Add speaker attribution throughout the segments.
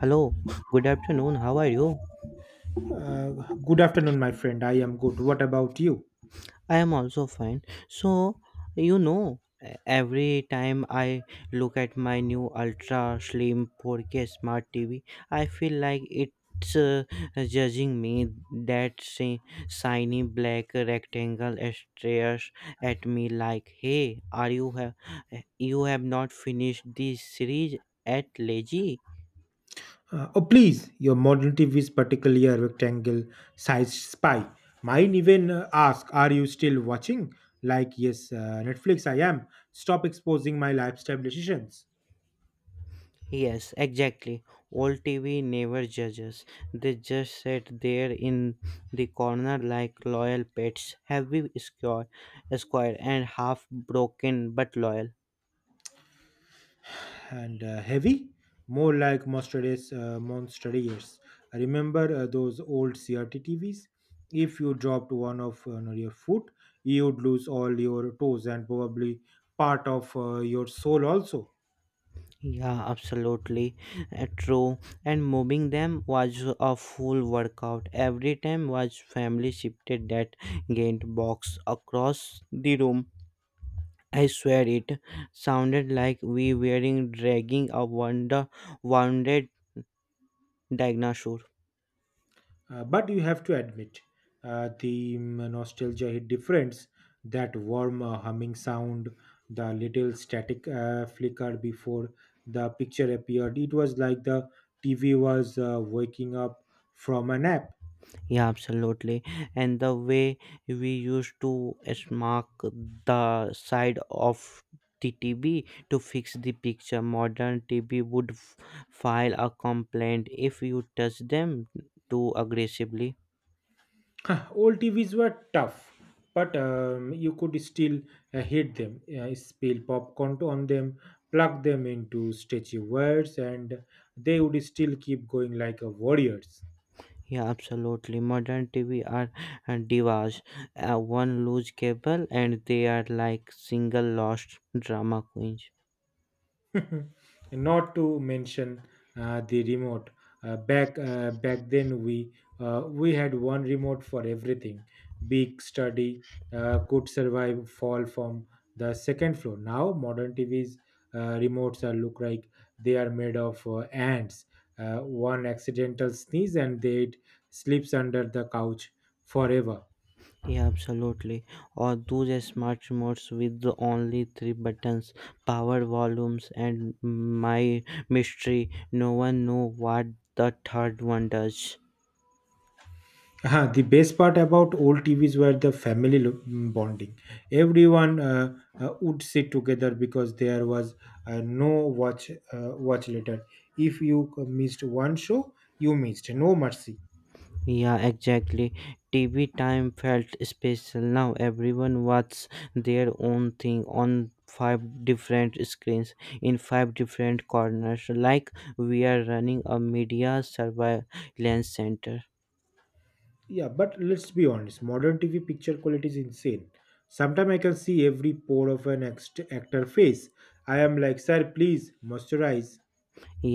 Speaker 1: Hello, good afternoon. How are you?
Speaker 2: Uh, Good afternoon, my friend. I am good. What about you?
Speaker 1: I am also fine. So, you know, e- every time I look at my new ultra slim 4K smart TV, I feel like it's judging me. That shiny black rectangle stares at me like, "Hey, are you have not finished this series at lazy?"
Speaker 2: Oh, please, your modern TV is particularly a rectangle sized spy. Mine even ask, are you still watching? Like, yes, Netflix, I am. Stop exposing my lifestyle decisions.
Speaker 1: Yes, exactly. Old TV never judges. They just sit there in the corner like loyal pets, heavy square, square and half broken but loyal.
Speaker 2: And heavy? More like monster ears. Remember those old CRT TVs? If you dropped one of no, your foot, you'd lose all your toes and probably part of your soul also.
Speaker 1: Yeah, absolutely true. And moving them was a full workout. Every time was family shifted that gained box across the room. I swear it sounded like we were dragging a wonder wounded dinosaur.
Speaker 2: But you have to admit, nostalgia hit difference. That warm humming sound, the little static flicker before the picture appeared. It was like the TV was waking up from a nap.
Speaker 1: Yeah, absolutely. And the way we used to mark the side of the TB to fix the picture, modern TB would file a complaint if you touch them too aggressively.
Speaker 2: Old TVs were tough, but you could still hit them, spill popcorn on them, plug them into stretchy wires, and they would still keep going like a warriors.
Speaker 1: Yeah, absolutely. Modern TV are divas. One loose cable, and they are like single lost drama queens.
Speaker 2: Not to mention the remote. Back then, we had one remote for everything. Big study could survive fall from the second floor. Now modern TVs remotes are look like they are made of ants. One accidental sneeze and they it slips under the couch forever.
Speaker 1: Yeah, absolutely. Or those smart remotes with the only three buttons, power, volumes, and my mystery. No one know what the third one does.
Speaker 2: The best part about old TVs were the family bonding. Everyone would sit together because there was no watch later. If you missed one show, you missed. No mercy.
Speaker 1: Yeah, exactly. TV time felt special. Now everyone watches their own thing on five different screens in five different corners, like we are running a media surveillance center.
Speaker 2: Yeah, but let's be honest. Modern TV picture quality is insane. Sometimes I can see every pore of an actor face. I am like, sir, please moisturize.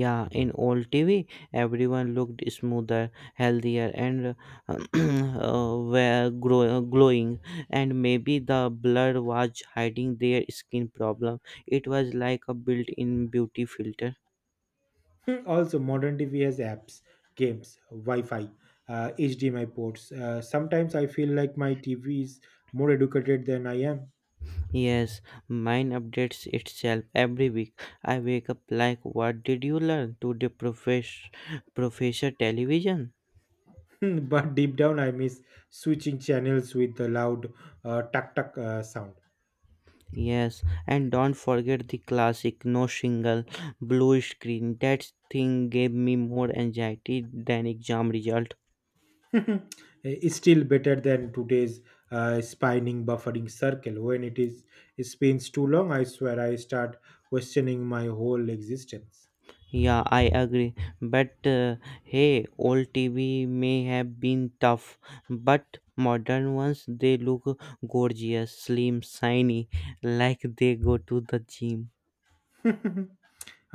Speaker 1: Yeah, in old TV, everyone looked smoother, healthier, and were glowing. And maybe the blood was hiding their skin problem. It was like a built-in beauty filter.
Speaker 2: Hmm, also modern tv has apps games wi-fi hdmi ports sometimes I feel like my tv is more educated than I am.
Speaker 1: Yes, mine updates itself every week. I wake up like, "What did you learn?" today, the professor television.
Speaker 2: But deep down I miss switching channels with the loud tuck tuck sound.
Speaker 1: Yes, and don't forget the classic no shingle blue screen. That thing gave me more anxiety than exam result.
Speaker 2: It's still better than today's spinning buffering circle. When it spins too long, I swear I start questioning my whole existence.
Speaker 1: Yeah, I agree. But hey, old TV may have been tough, but modern ones they look gorgeous, slim, shiny, like they go to the gym.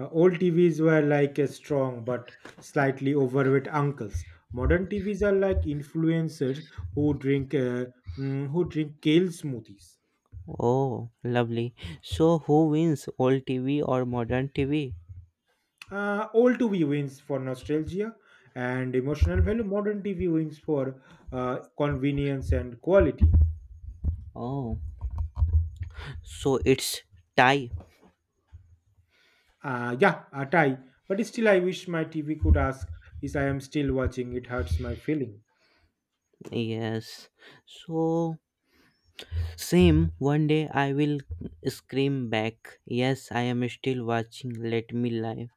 Speaker 2: Old TVs were like a strong but slightly overweight uncles. Modern TVs are like influencers who drink uh, who drink kale smoothies.
Speaker 1: Oh, lovely. So who wins, old TV or modern TV?
Speaker 2: Old TV wins for nostalgia and emotional value. Modern TV wins for convenience and quality.
Speaker 1: Oh, so it's tie.
Speaker 2: Yeah, a tie. But still, I wish my TV could ask if I am still watching. It hurts my feeling.
Speaker 1: Yes. So, same, one day I will scream back, Yes, I am still watching, let me live.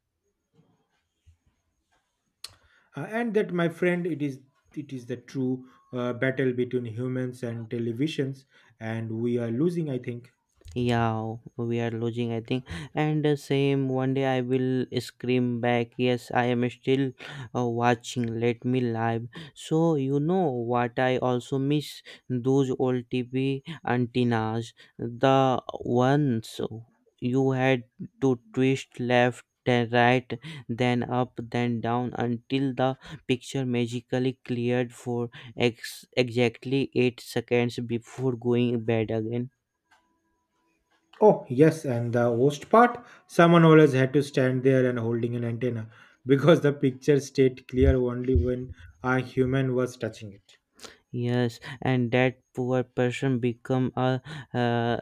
Speaker 2: And that, my friend, it is the true battle between humans and televisions, and we are losing, I think.
Speaker 1: Yeah, we are losing, I think. And the same one day I will scream back, Yes, I am still watching. Let me live. So, you know what? I also miss those old TV antennas, the ones you had to twist left. Then right, then up, then down until the picture magically cleared for exactly 8 seconds before going bed again.
Speaker 2: Oh yes, and the worst part, someone always had to stand there and holding an antenna because the picture stayed clear only when a human was touching it.
Speaker 1: Yes, and that poor person become a,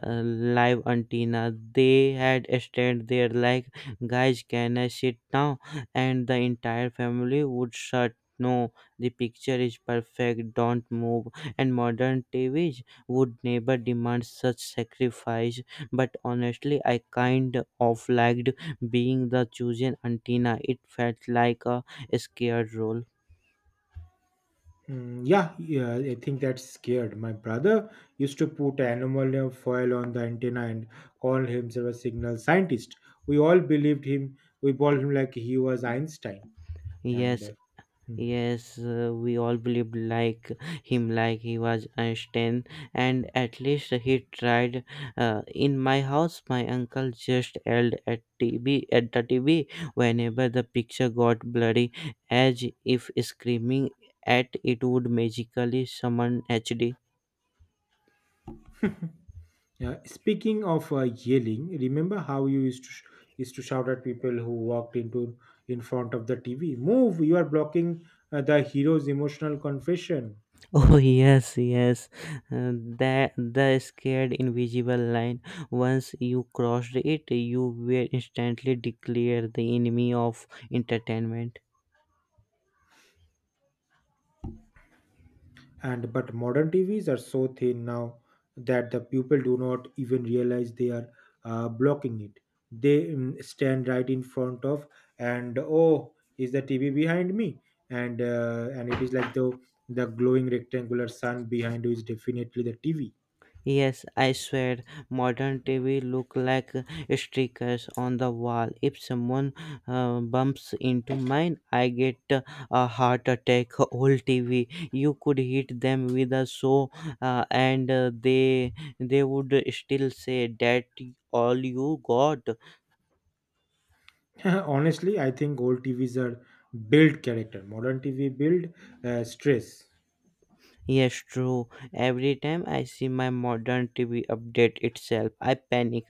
Speaker 1: live antenna. They had stand there like, guys, can I sit now? And the entire family would shut. No, the picture is perfect. Don't move. And modern TVs would never demand such sacrifice. But honestly, I kind of liked being the chosen antenna. It felt like a scared role.
Speaker 2: Yeah, yeah, I think that's scared. My brother used to put aluminum foil on the antenna and call himself a signal scientist. We all believed him. We called him like he was Einstein. And
Speaker 1: Yes,
Speaker 2: hmm.
Speaker 1: Yes, we all believed like him, like he was Einstein, and at least he tried. In my house, my uncle just yelled at TV at the TV whenever the picture got blurry, as if screaming at it would magically summon HD.
Speaker 2: Yeah, speaking of yelling, remember how you used to shout at people who walked into in front of the TV? Move! You are blocking the hero's emotional confession.
Speaker 1: Oh yes, yes, uh, that the scared invisible line. Once you crossed it, you were instantly declared the enemy of entertainment.
Speaker 2: And but modern TVs are so thin now that the people do not even realize they are blocking it. They stand right in front of, and oh, is the TV behind me? And it is like the glowing rectangular sun behind you is definitely the TV.
Speaker 1: Yes, I swear, modern TV look like stickers on the wall. If someone bumps into mine, I get a heart attack. Old TV, you could hit them with a saw, and they would still say that all you got.
Speaker 2: Honestly, I think old TVs are build character. Modern TV build stress.
Speaker 1: Yes, true. Every time I see my modern TV update itself, I panic.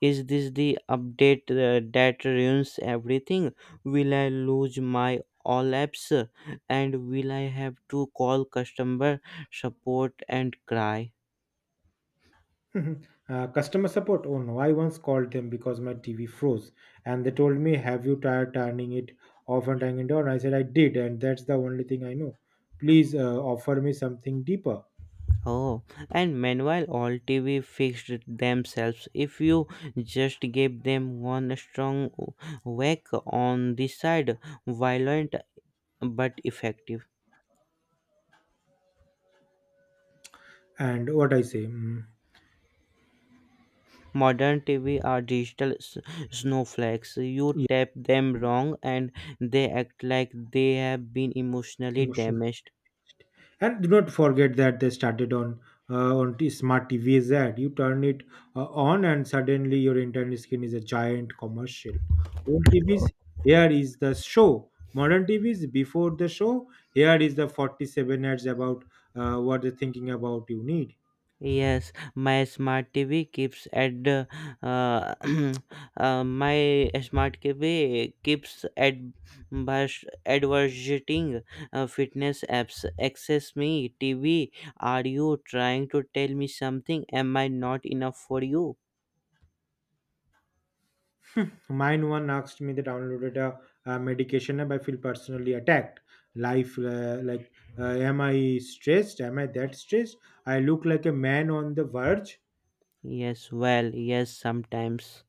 Speaker 1: Is this the update that ruins everything? Will I lose my all apps? And will I have to call customer support and cry?
Speaker 2: Customer support. Oh no, I once called them because my TV froze, and they told me, "Have you tried turning it off and turning it on?" I said, "I did, and that's the only thing I know. Please offer me something deeper."
Speaker 1: Oh, and meanwhile, all TV fixed themselves. If you just gave them one strong whack on the side, violent but effective.
Speaker 2: And what I say,
Speaker 1: Modern TV are digital snowflakes. You
Speaker 2: yeah,
Speaker 1: tap them wrong and they act like they have been emotionally
Speaker 2: emotional.
Speaker 1: damaged.
Speaker 2: And do not forget that they started on smart TV that you turn it on, and suddenly your internet screen is a giant commercial. Old TVs, here is the show. Modern TVs, before the show, here is the 47 ads about what they're thinking about you need.
Speaker 1: Yes, my smart TV keeps at the, uh, my smart TV keeps at bus advertising fitness apps. Access me, TV. Are you trying to tell me something? Am I not enough for you?
Speaker 2: Mine one asked me that downloaded a medication app. I feel personally attacked. Like, am I stressed? Am I that stressed? I look like a man on the verge.
Speaker 1: Yes, well, yes, sometimes.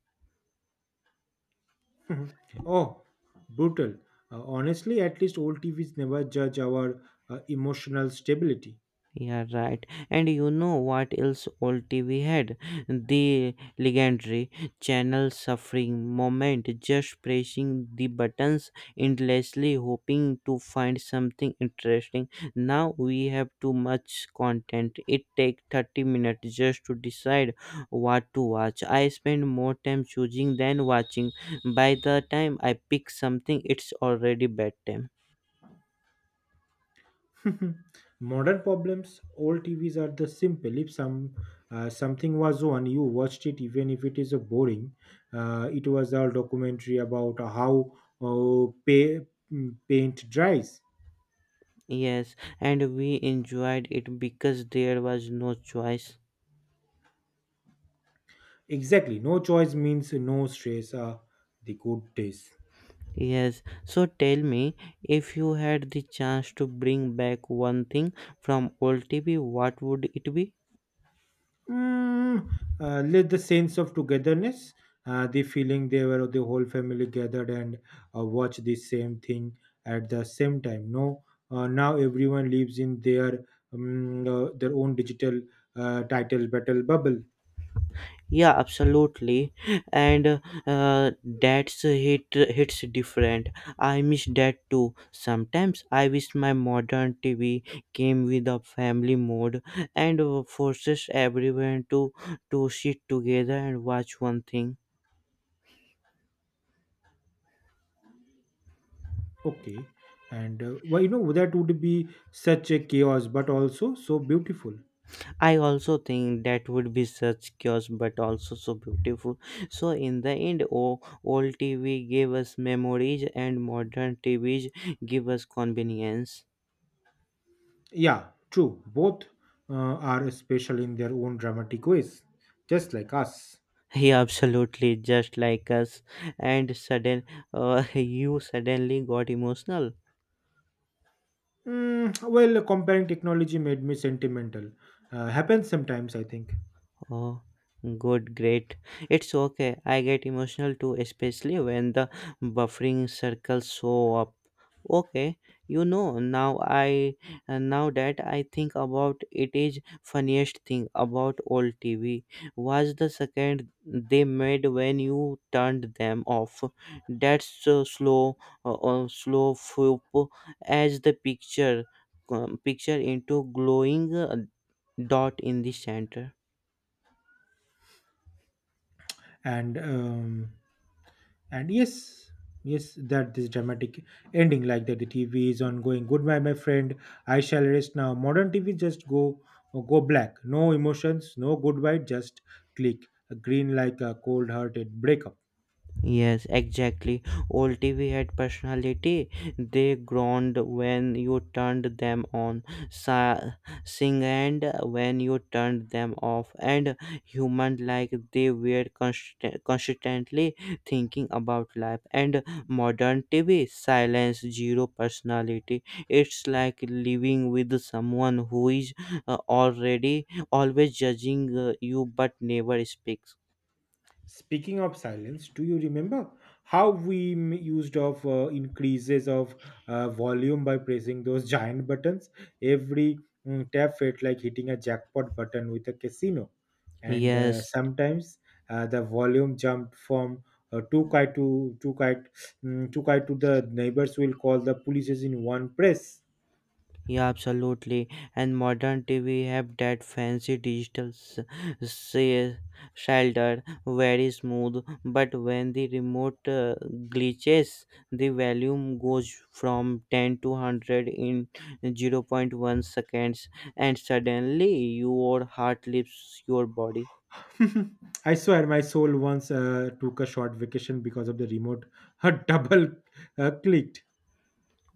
Speaker 2: Mhm. Oh, brutal. Honestly, at least old TVs never judge our emotional stability.
Speaker 1: Yeah, right. And you know what else old TV had? The legendary channel suffering moment, just pressing the buttons endlessly, hoping to find something interesting. Now we have too much content. It takes 30 minutes just to decide what to watch. I spend more time choosing than watching. By the time I pick something, it's already bedtime.
Speaker 2: Modern problems, old TVs are the simple. If something was on, you watched it, even if it is a boring. It was a documentary about how uh, pa- paint dries.
Speaker 1: Yes, and we enjoyed it because there was no choice.
Speaker 2: Exactly, no choice means no stress. The good days.
Speaker 1: Yes, so tell me if you had the chance to bring back one thing from old TV, what would it be?
Speaker 2: Mm, Let the sense of togetherness, the feeling they were the whole family gathered and watch the same thing at the same time. No, now everyone lives in their own digital title battle bubble.
Speaker 1: Yeah, absolutely, and that's hits different. I miss that too. Sometimes I wish my modern TV came with a family mode and forces everyone to sit together and watch one thing.
Speaker 2: Okay, and well, you know that would be such a chaos, but also so beautiful.
Speaker 1: I also think that would be such chaos, but also so beautiful. So in the end, oh, old TV gave us memories, and modern TVs give us convenience.
Speaker 2: Yeah, true. Both are special in their own dramatic ways, just like us.
Speaker 1: He absolutely just like us, and you suddenly got emotional.
Speaker 2: Well, comparing technology made me sentimental. Happens sometimes, I think.
Speaker 1: Oh, good, great. It's okay. I get emotional too, especially when the buffering circles show up. Okay, you know now. I Now that I think about it, is funniest thing about old TV was the second they made when you turned them off. That's slow flip as the picture into glowing dot in the center.
Speaker 2: And um, and yes, yes, that this dramatic ending like that. The TV is on going. Goodbye, my friend. I shall rest now. Modern TV just go black. No emotions, no goodbye. Just click green like a cold-hearted breakup.
Speaker 1: Yes, exactly. Old TV had personality. They groaned when you turned them on, sa- singed when you turned them off, and human like they were constantly thinking about life. And modern TV, silence, zero personality. It's like living with someone who is already always judging you but never speaks.
Speaker 2: Speaking of silence, do you remember how we m- used of increases of volume by pressing those giant buttons? Every tap felt like hitting a jackpot button with a casino, and
Speaker 1: Yes,
Speaker 2: sometimes the volume jumped from uh, two kite to two kite, two kite to the neighbors will call the police in one press.
Speaker 1: Yeah, absolutely. And modern TV have that fancy digital s- s- shelter, very smooth. But when the remote glitches, the volume goes from 10 to 100 in 0 0.1 seconds, and suddenly your heart leaves your body.
Speaker 2: I swear, my soul once took a short vacation because of the remote double clicked.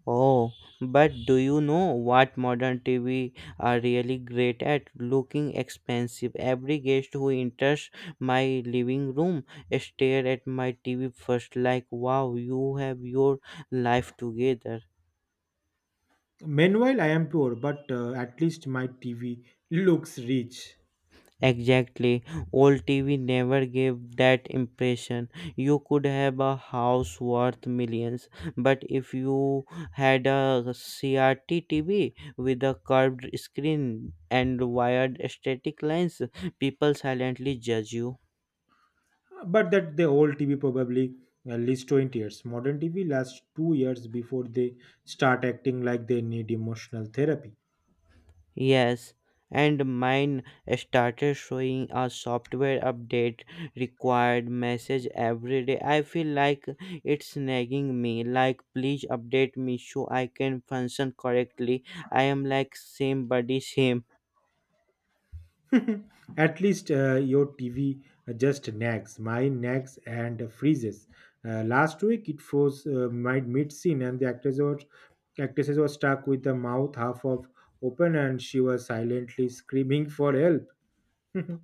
Speaker 1: Oh, but do you know what modern TV are really great at? Looking expensive. Every guest who enters my living room stare at my TV first like, wow, you have your life together.
Speaker 2: Meanwhile, I am poor, but at least my TV looks rich.
Speaker 1: Exactly. Old TV never gave that impression. You could have a house worth millions, but if you had a CRT TV with a curved screen and wired static lines, people silently judge you.
Speaker 2: But that the old TV probably at least 20 years. Modern TV lasts 2 years before they start acting like they need emotional therapy.
Speaker 1: Yes, and mine started showing a software update required message every day. I feel like it's nagging me, like, please update me so I can function correctly. I am like, same body, same.
Speaker 2: At least your TV just nags. Mine nags and freezes. Last week it froze mid scene, and the actors were actresses were stuck with the mouth half of open, and she was silently screaming for help.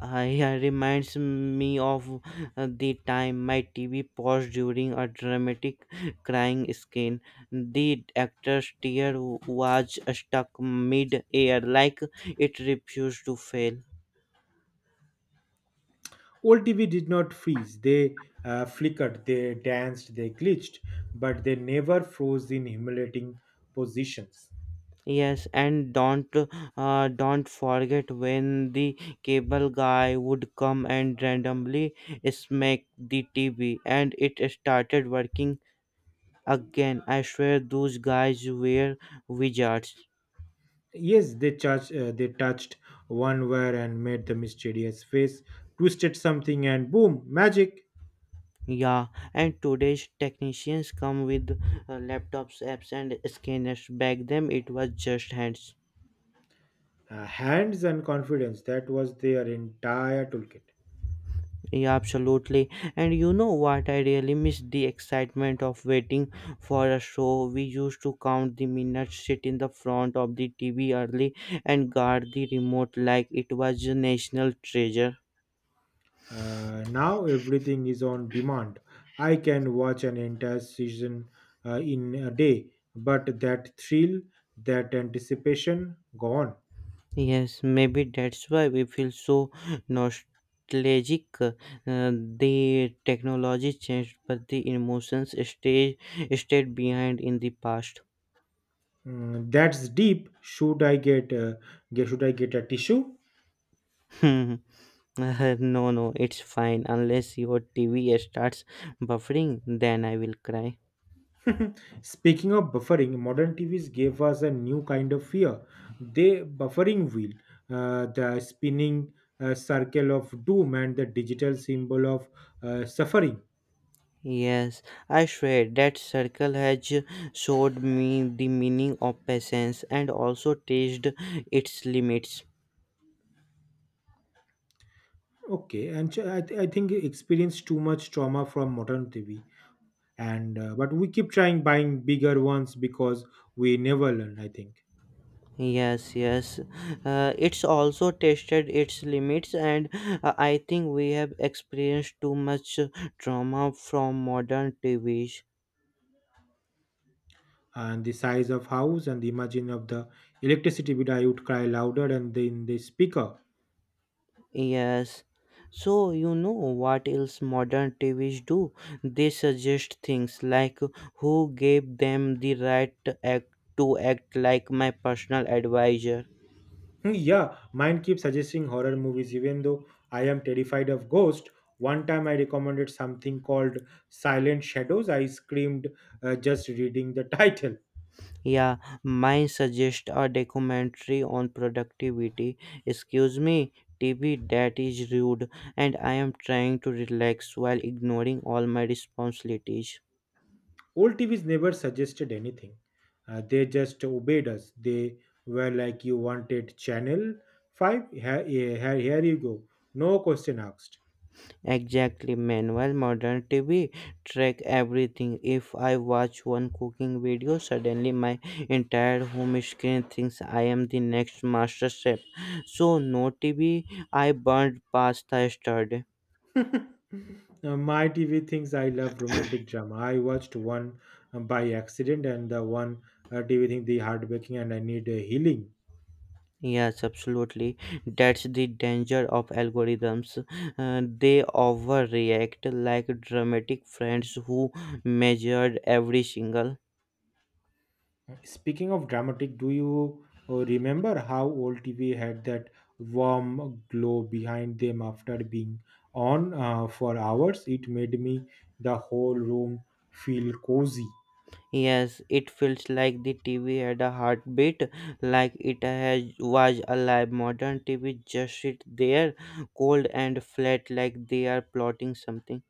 Speaker 1: Yeah, reminds me of the time my TV paused during a dramatic crying scene. The actor's tear was stuck mid air, like it refused to fail.
Speaker 2: Old TV did not freeze. They flickered, they danced, they glitched, but they never froze in humiliating positions.
Speaker 1: Yes, and don't forget when the cable guy would come and randomly smack the TV, and it started working again. I swear those guys were wizards.
Speaker 2: Yes, they touched one wire and made the mysterious face, twisted something, and boom, magic.
Speaker 1: Yeah, and today's technicians come with laptops, apps, and scanners. Back then, it was just hands.
Speaker 2: Hands and confidence, that was their entire toolkit.
Speaker 1: Yeah, absolutely. And you know what? I really miss the excitement of waiting for a show. We used to count the minutes, sit in the front of the TV early, and guard the remote like it was a national treasure.
Speaker 2: Now everything is on demand. I can watch an entire season in a day, but that thrill, that anticipation, gone.
Speaker 1: Yes, maybe that's why we feel so nostalgic. The technology changed, but the emotions stayed behind in the past.
Speaker 2: That's deep. Should I get should I get a tissue?
Speaker 1: No, no, it's fine. Unless your TV starts buffering, then I will cry.
Speaker 2: Speaking of buffering, modern TVs gave us a new kind of fear. They buffering wheel, the spinning circle of doom, and the digital symbol of suffering.
Speaker 1: Yes, I swear that circle has showed me the meaning of patience and also tested its limits.
Speaker 2: Okay, and so I think you experience too much trauma from modern TV, and but we keep trying buying bigger ones because we never learn, I think.
Speaker 1: Yes, yes. It's also tested its limits, and I think we have experienced too much trauma from modern TV.
Speaker 2: And the size of house and the imagine of the electricity bill, I would cry louder and then the speaker.
Speaker 1: Yes. So, you know what else modern TVs do? They suggest things like who gave them the right to act like my personal advisor.
Speaker 2: Hmm, yeah, mine keeps suggesting horror movies even though I am terrified of ghosts. One time I recommended something called silent shadows. I screamed just reading the title.
Speaker 1: Yeah, mine suggest a documentary on productivity. Excuse me, TV, that is rude, and I am trying to relax while ignoring all my responsibilities.
Speaker 2: Old tvs never suggested anything. They just obeyed us. They were like, you wanted channel 5, here, here, here you go, no question asked.
Speaker 1: Exactly, manual modern TV track everything. If I watch one cooking video, suddenly my entire home screen thinks I am the next master chef. So no TV, I burned pasta yesterday.
Speaker 2: My TV thinks I love romantic drama. I watched one by accident and the one TV thing the heartbreaking and I need healing.
Speaker 1: Yes, absolutely. That's the danger of algorithms. They overreact like dramatic friends who measured every single
Speaker 2: Speaking of dramatic, do you remember how old TV had that warm glow behind them after being on for hours? It made me the whole room feel cozy.
Speaker 1: Yes, it feels like the TV had a heartbeat, like it has, was alive. Modern TV just sit there, cold and flat, like they are plotting something.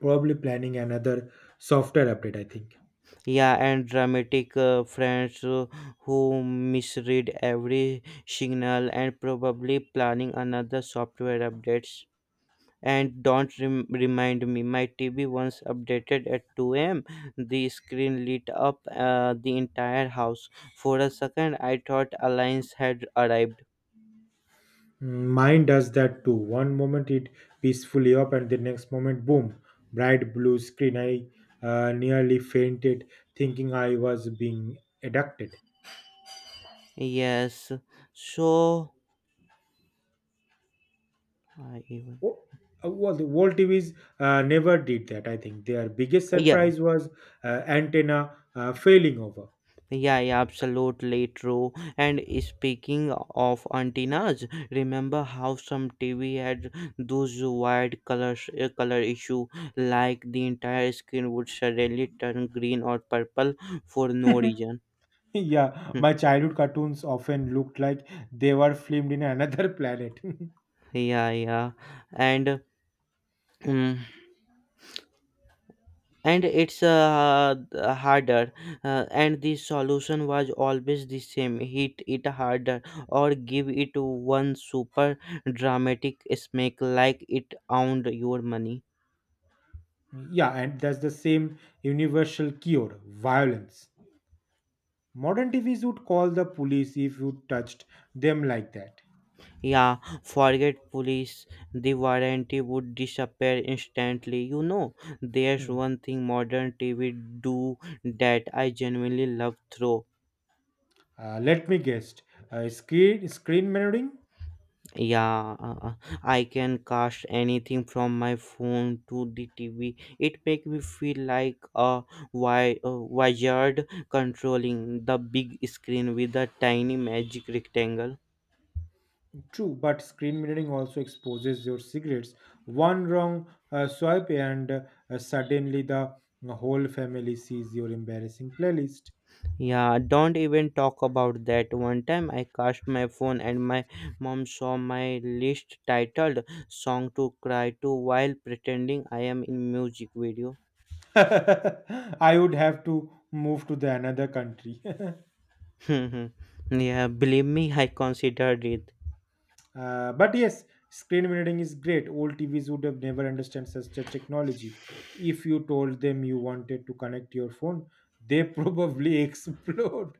Speaker 2: Probably planning another software update, I think.
Speaker 1: Yeah, and dramatic friends who misread every signal and probably planning another software updates. And don't remind me, my TV once updated at 2 a.m. The screen lit up, the entire house. For a second I thought alliance had arrived.
Speaker 2: Mine does that too. One moment it peacefully up, and the next moment, boom, bright blue screen. I nearly fainted, thinking I was being abducted.
Speaker 1: Yes. So I even.
Speaker 2: Oh, well, the World TVs never did that. I think their biggest
Speaker 1: Yeah,
Speaker 2: surprise was antenna failing over.
Speaker 1: yeah, yeah, absolutely true. And speaking of antennas, remember how some TV had those wired color issue, like the entire screen would suddenly turn green or purple for no reason.
Speaker 2: Yeah,
Speaker 1: Hmm.
Speaker 2: my childhood cartoons often looked like they were filmed in another planet.
Speaker 1: Yeah, yeah. And mm, and it's uh, th- harder uh, and the solution was always the same, hit it harder, or give it one super dramatic smack like it owned your money.
Speaker 2: Yeah, and that's the same universal cure: violence. Modern TVs would call the police if you touched them like that.
Speaker 1: Yeah, forget police, the warranty would disappear instantly. There's
Speaker 2: Hmm.
Speaker 1: one thing modern TV do that I genuinely love through.
Speaker 2: Let me guess. Screen mirroring?
Speaker 1: Yeah, I can cast anything from my phone to the TV. It make me feel like a wizard controlling the big screen with a tiny magic rectangle.
Speaker 2: True, but screen mirroring also exposes your cigarettes. One wrong swipe, and suddenly the whole family sees your embarrassing playlist.
Speaker 1: Yeah, don't even talk about that. One time I cast my phone and my mom saw my list titled Song to Cry to while pretending I am in music video.
Speaker 2: I would have to move to the another country.
Speaker 1: Yeah, believe me, I considered it.
Speaker 2: But yes, screen mirroring is great. Old TVs would have never understood such a technology. If you told them you wanted to connect your phone, they probably explode.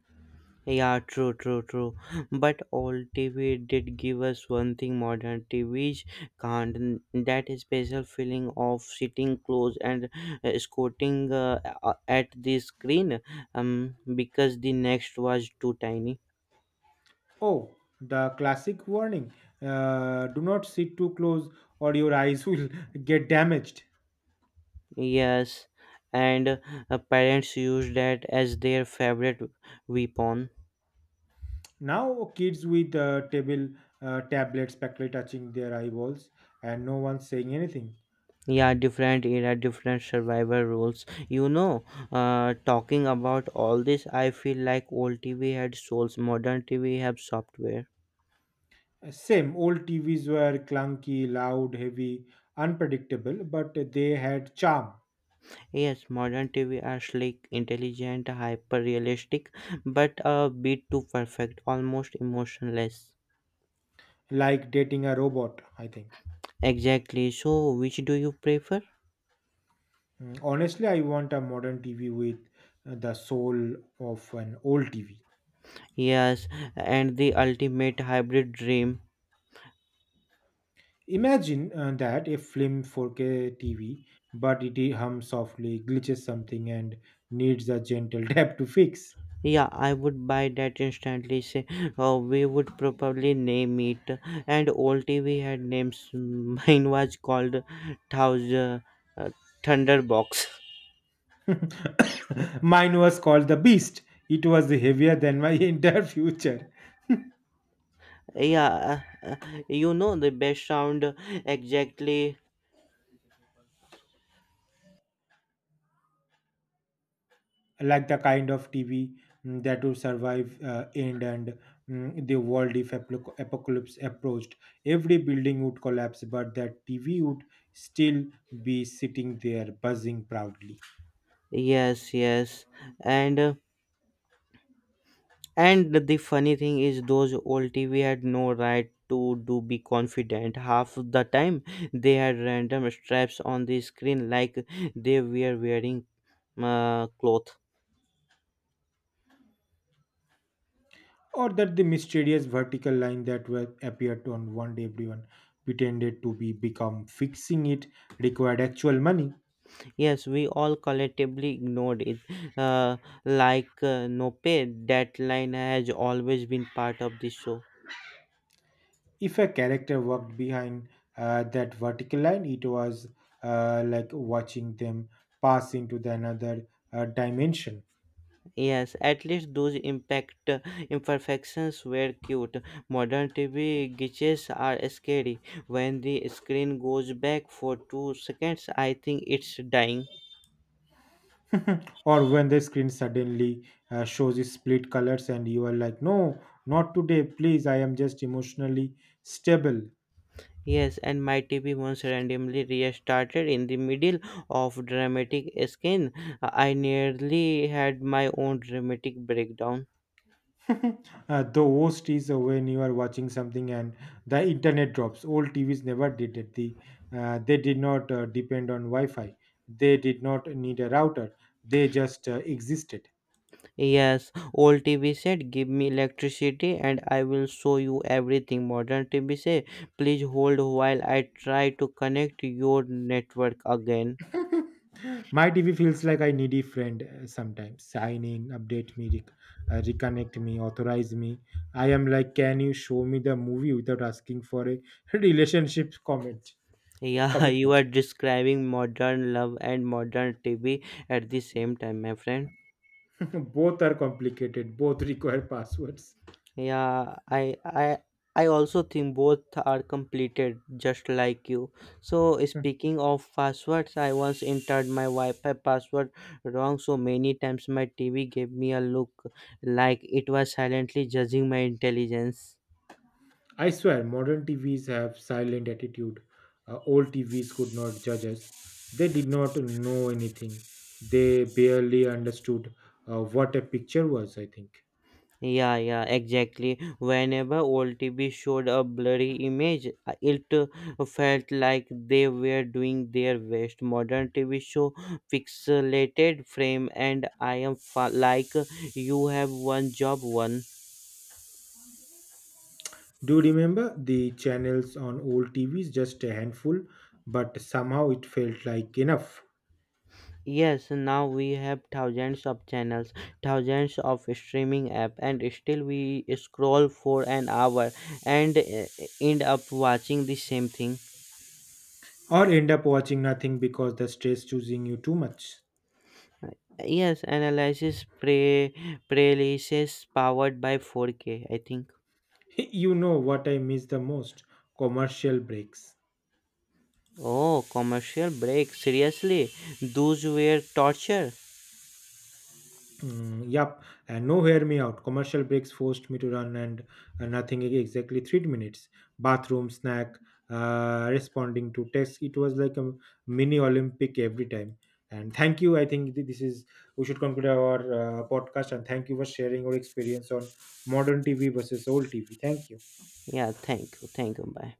Speaker 1: Yeah, true, true, true. But old TV did give us one thing modern TVs can't. That is special feeling of sitting close and squinting at the screen, um, because the next was too tiny.
Speaker 2: Oh, the classic warning do not sit too close or your eyes will get damaged.
Speaker 1: Yes, and parents used that as their favorite weapon.
Speaker 2: Now, kids with tablets practically touching their eyeballs and no one saying anything.
Speaker 1: Yeah, different era, different survivor roles. Talking about all this, I feel like old TV had souls, modern TV have software.
Speaker 2: Same, old TVs were clunky, loud, heavy, unpredictable, but they had charm.
Speaker 1: Yes, modern TV are slick, intelligent, hyper realistic, but a bit too perfect, almost emotionless.
Speaker 2: Like dating a robot, I think.
Speaker 1: Exactly, so which do you prefer?
Speaker 2: Honestly, I want a modern tv with the soul of an old tv.
Speaker 1: Yes, and the ultimate hybrid dream.
Speaker 2: Imagine that a film 4K tv, but it hums softly, glitches something, and needs a gentle tap to fix.
Speaker 1: Yeah, I would buy that instantly. Say, we would probably name it. And old TV had names. Mine was called Thousand uh, Thunderbox.
Speaker 2: Mine was called the beast. It was heavier than my entire future.
Speaker 1: Yeah, you know the best sound exactly.
Speaker 2: Like the kind of TV that would survive the world if aplo apocalypse approached. Every building would collapse, but that TV would still be sitting there buzzing proudly.
Speaker 1: Yes, yes, and uh, and the funny thing is, those old TV had no right to do be confident. Half of the time, they had random straps on the screen like they were wearing cloth.
Speaker 2: Or that the mysterious vertical line that were appeared on one day, everyone pretended to be become fixing it required actual money.
Speaker 1: Yes, we all collectively ignored it. Uh, like nope, that line has always been part of the show.
Speaker 2: If a character walked behind that vertical line, it was like watching them pass into the another dimension.
Speaker 1: Yes, at least those impact imperfections were cute. Modern TV glitches are scary. When the screen goes back for 2 seconds, I think it's dying.
Speaker 2: Or when the screen suddenly shows you split colors and you are like, no, not today, please, I am just emotionally stable.
Speaker 1: Yes, and my TV once randomly restarted in the middle of dramatic scene. I nearly had my own dramatic breakdown.
Speaker 2: The worst is when you are watching something and the internet drops. Old TVs never did it. They did not depend on Wi Fi, they did not need a router, they just existed.
Speaker 1: Yes, old TV said, give me electricity and I will show you everything. Modern TV said, please hold while I try to connect your network again.
Speaker 2: My TV feels like I needy friend sometimes. Sign in, update me, reconnect me, authorize me. I am like, can you show me the movie without asking for a relationship comment
Speaker 1: Yeah, you
Speaker 2: commitment?
Speaker 1: are describing modern love and modern TV at the same time, my friend.
Speaker 2: Both are complicated. Both require passwords.
Speaker 1: Yeah, I also think both are completed just like you. So
Speaker 2: Hmm.
Speaker 1: speaking of passwords, I once entered my Wi-Fi password wrong so many times my TV gave me a look like it was silently judging my intelligence.
Speaker 2: I swear, modern TVs have silent attitude. Old TVs could not judge us. They did not know anything. They barely understood what a picture was, I think.
Speaker 1: Yeah, yeah, exactly. Whenever old TV showed a blurry image, it felt like they were doing their best. Modern TV show pixelated frame, and I am like you have one job one.
Speaker 2: Do you remember the channels on old TVs? Just a handful, but somehow it felt like enough.
Speaker 1: Yes, now we have thousands of channels, thousands of streaming app, and still we scroll for an hour and end up watching the same thing.
Speaker 2: Or end up watching nothing because the stress choosing you too much.
Speaker 1: Yes, analyzes prelices powered by 4K, I think.
Speaker 2: You know what I miss the most? Commercial breaks.
Speaker 1: Oh, commercial break. Seriously, those were torture.
Speaker 2: Yep, and no hear me out. Commercial breaks forced me to run and nothing exactly 3 minutes. Bathroom, snack, responding to text. It was like a mini Olympic every time. And thank you. I think this is we should conclude our podcast. And thank you for sharing your experience on modern TV versus old TV. Thank you.
Speaker 1: Yeah, thank you, bye.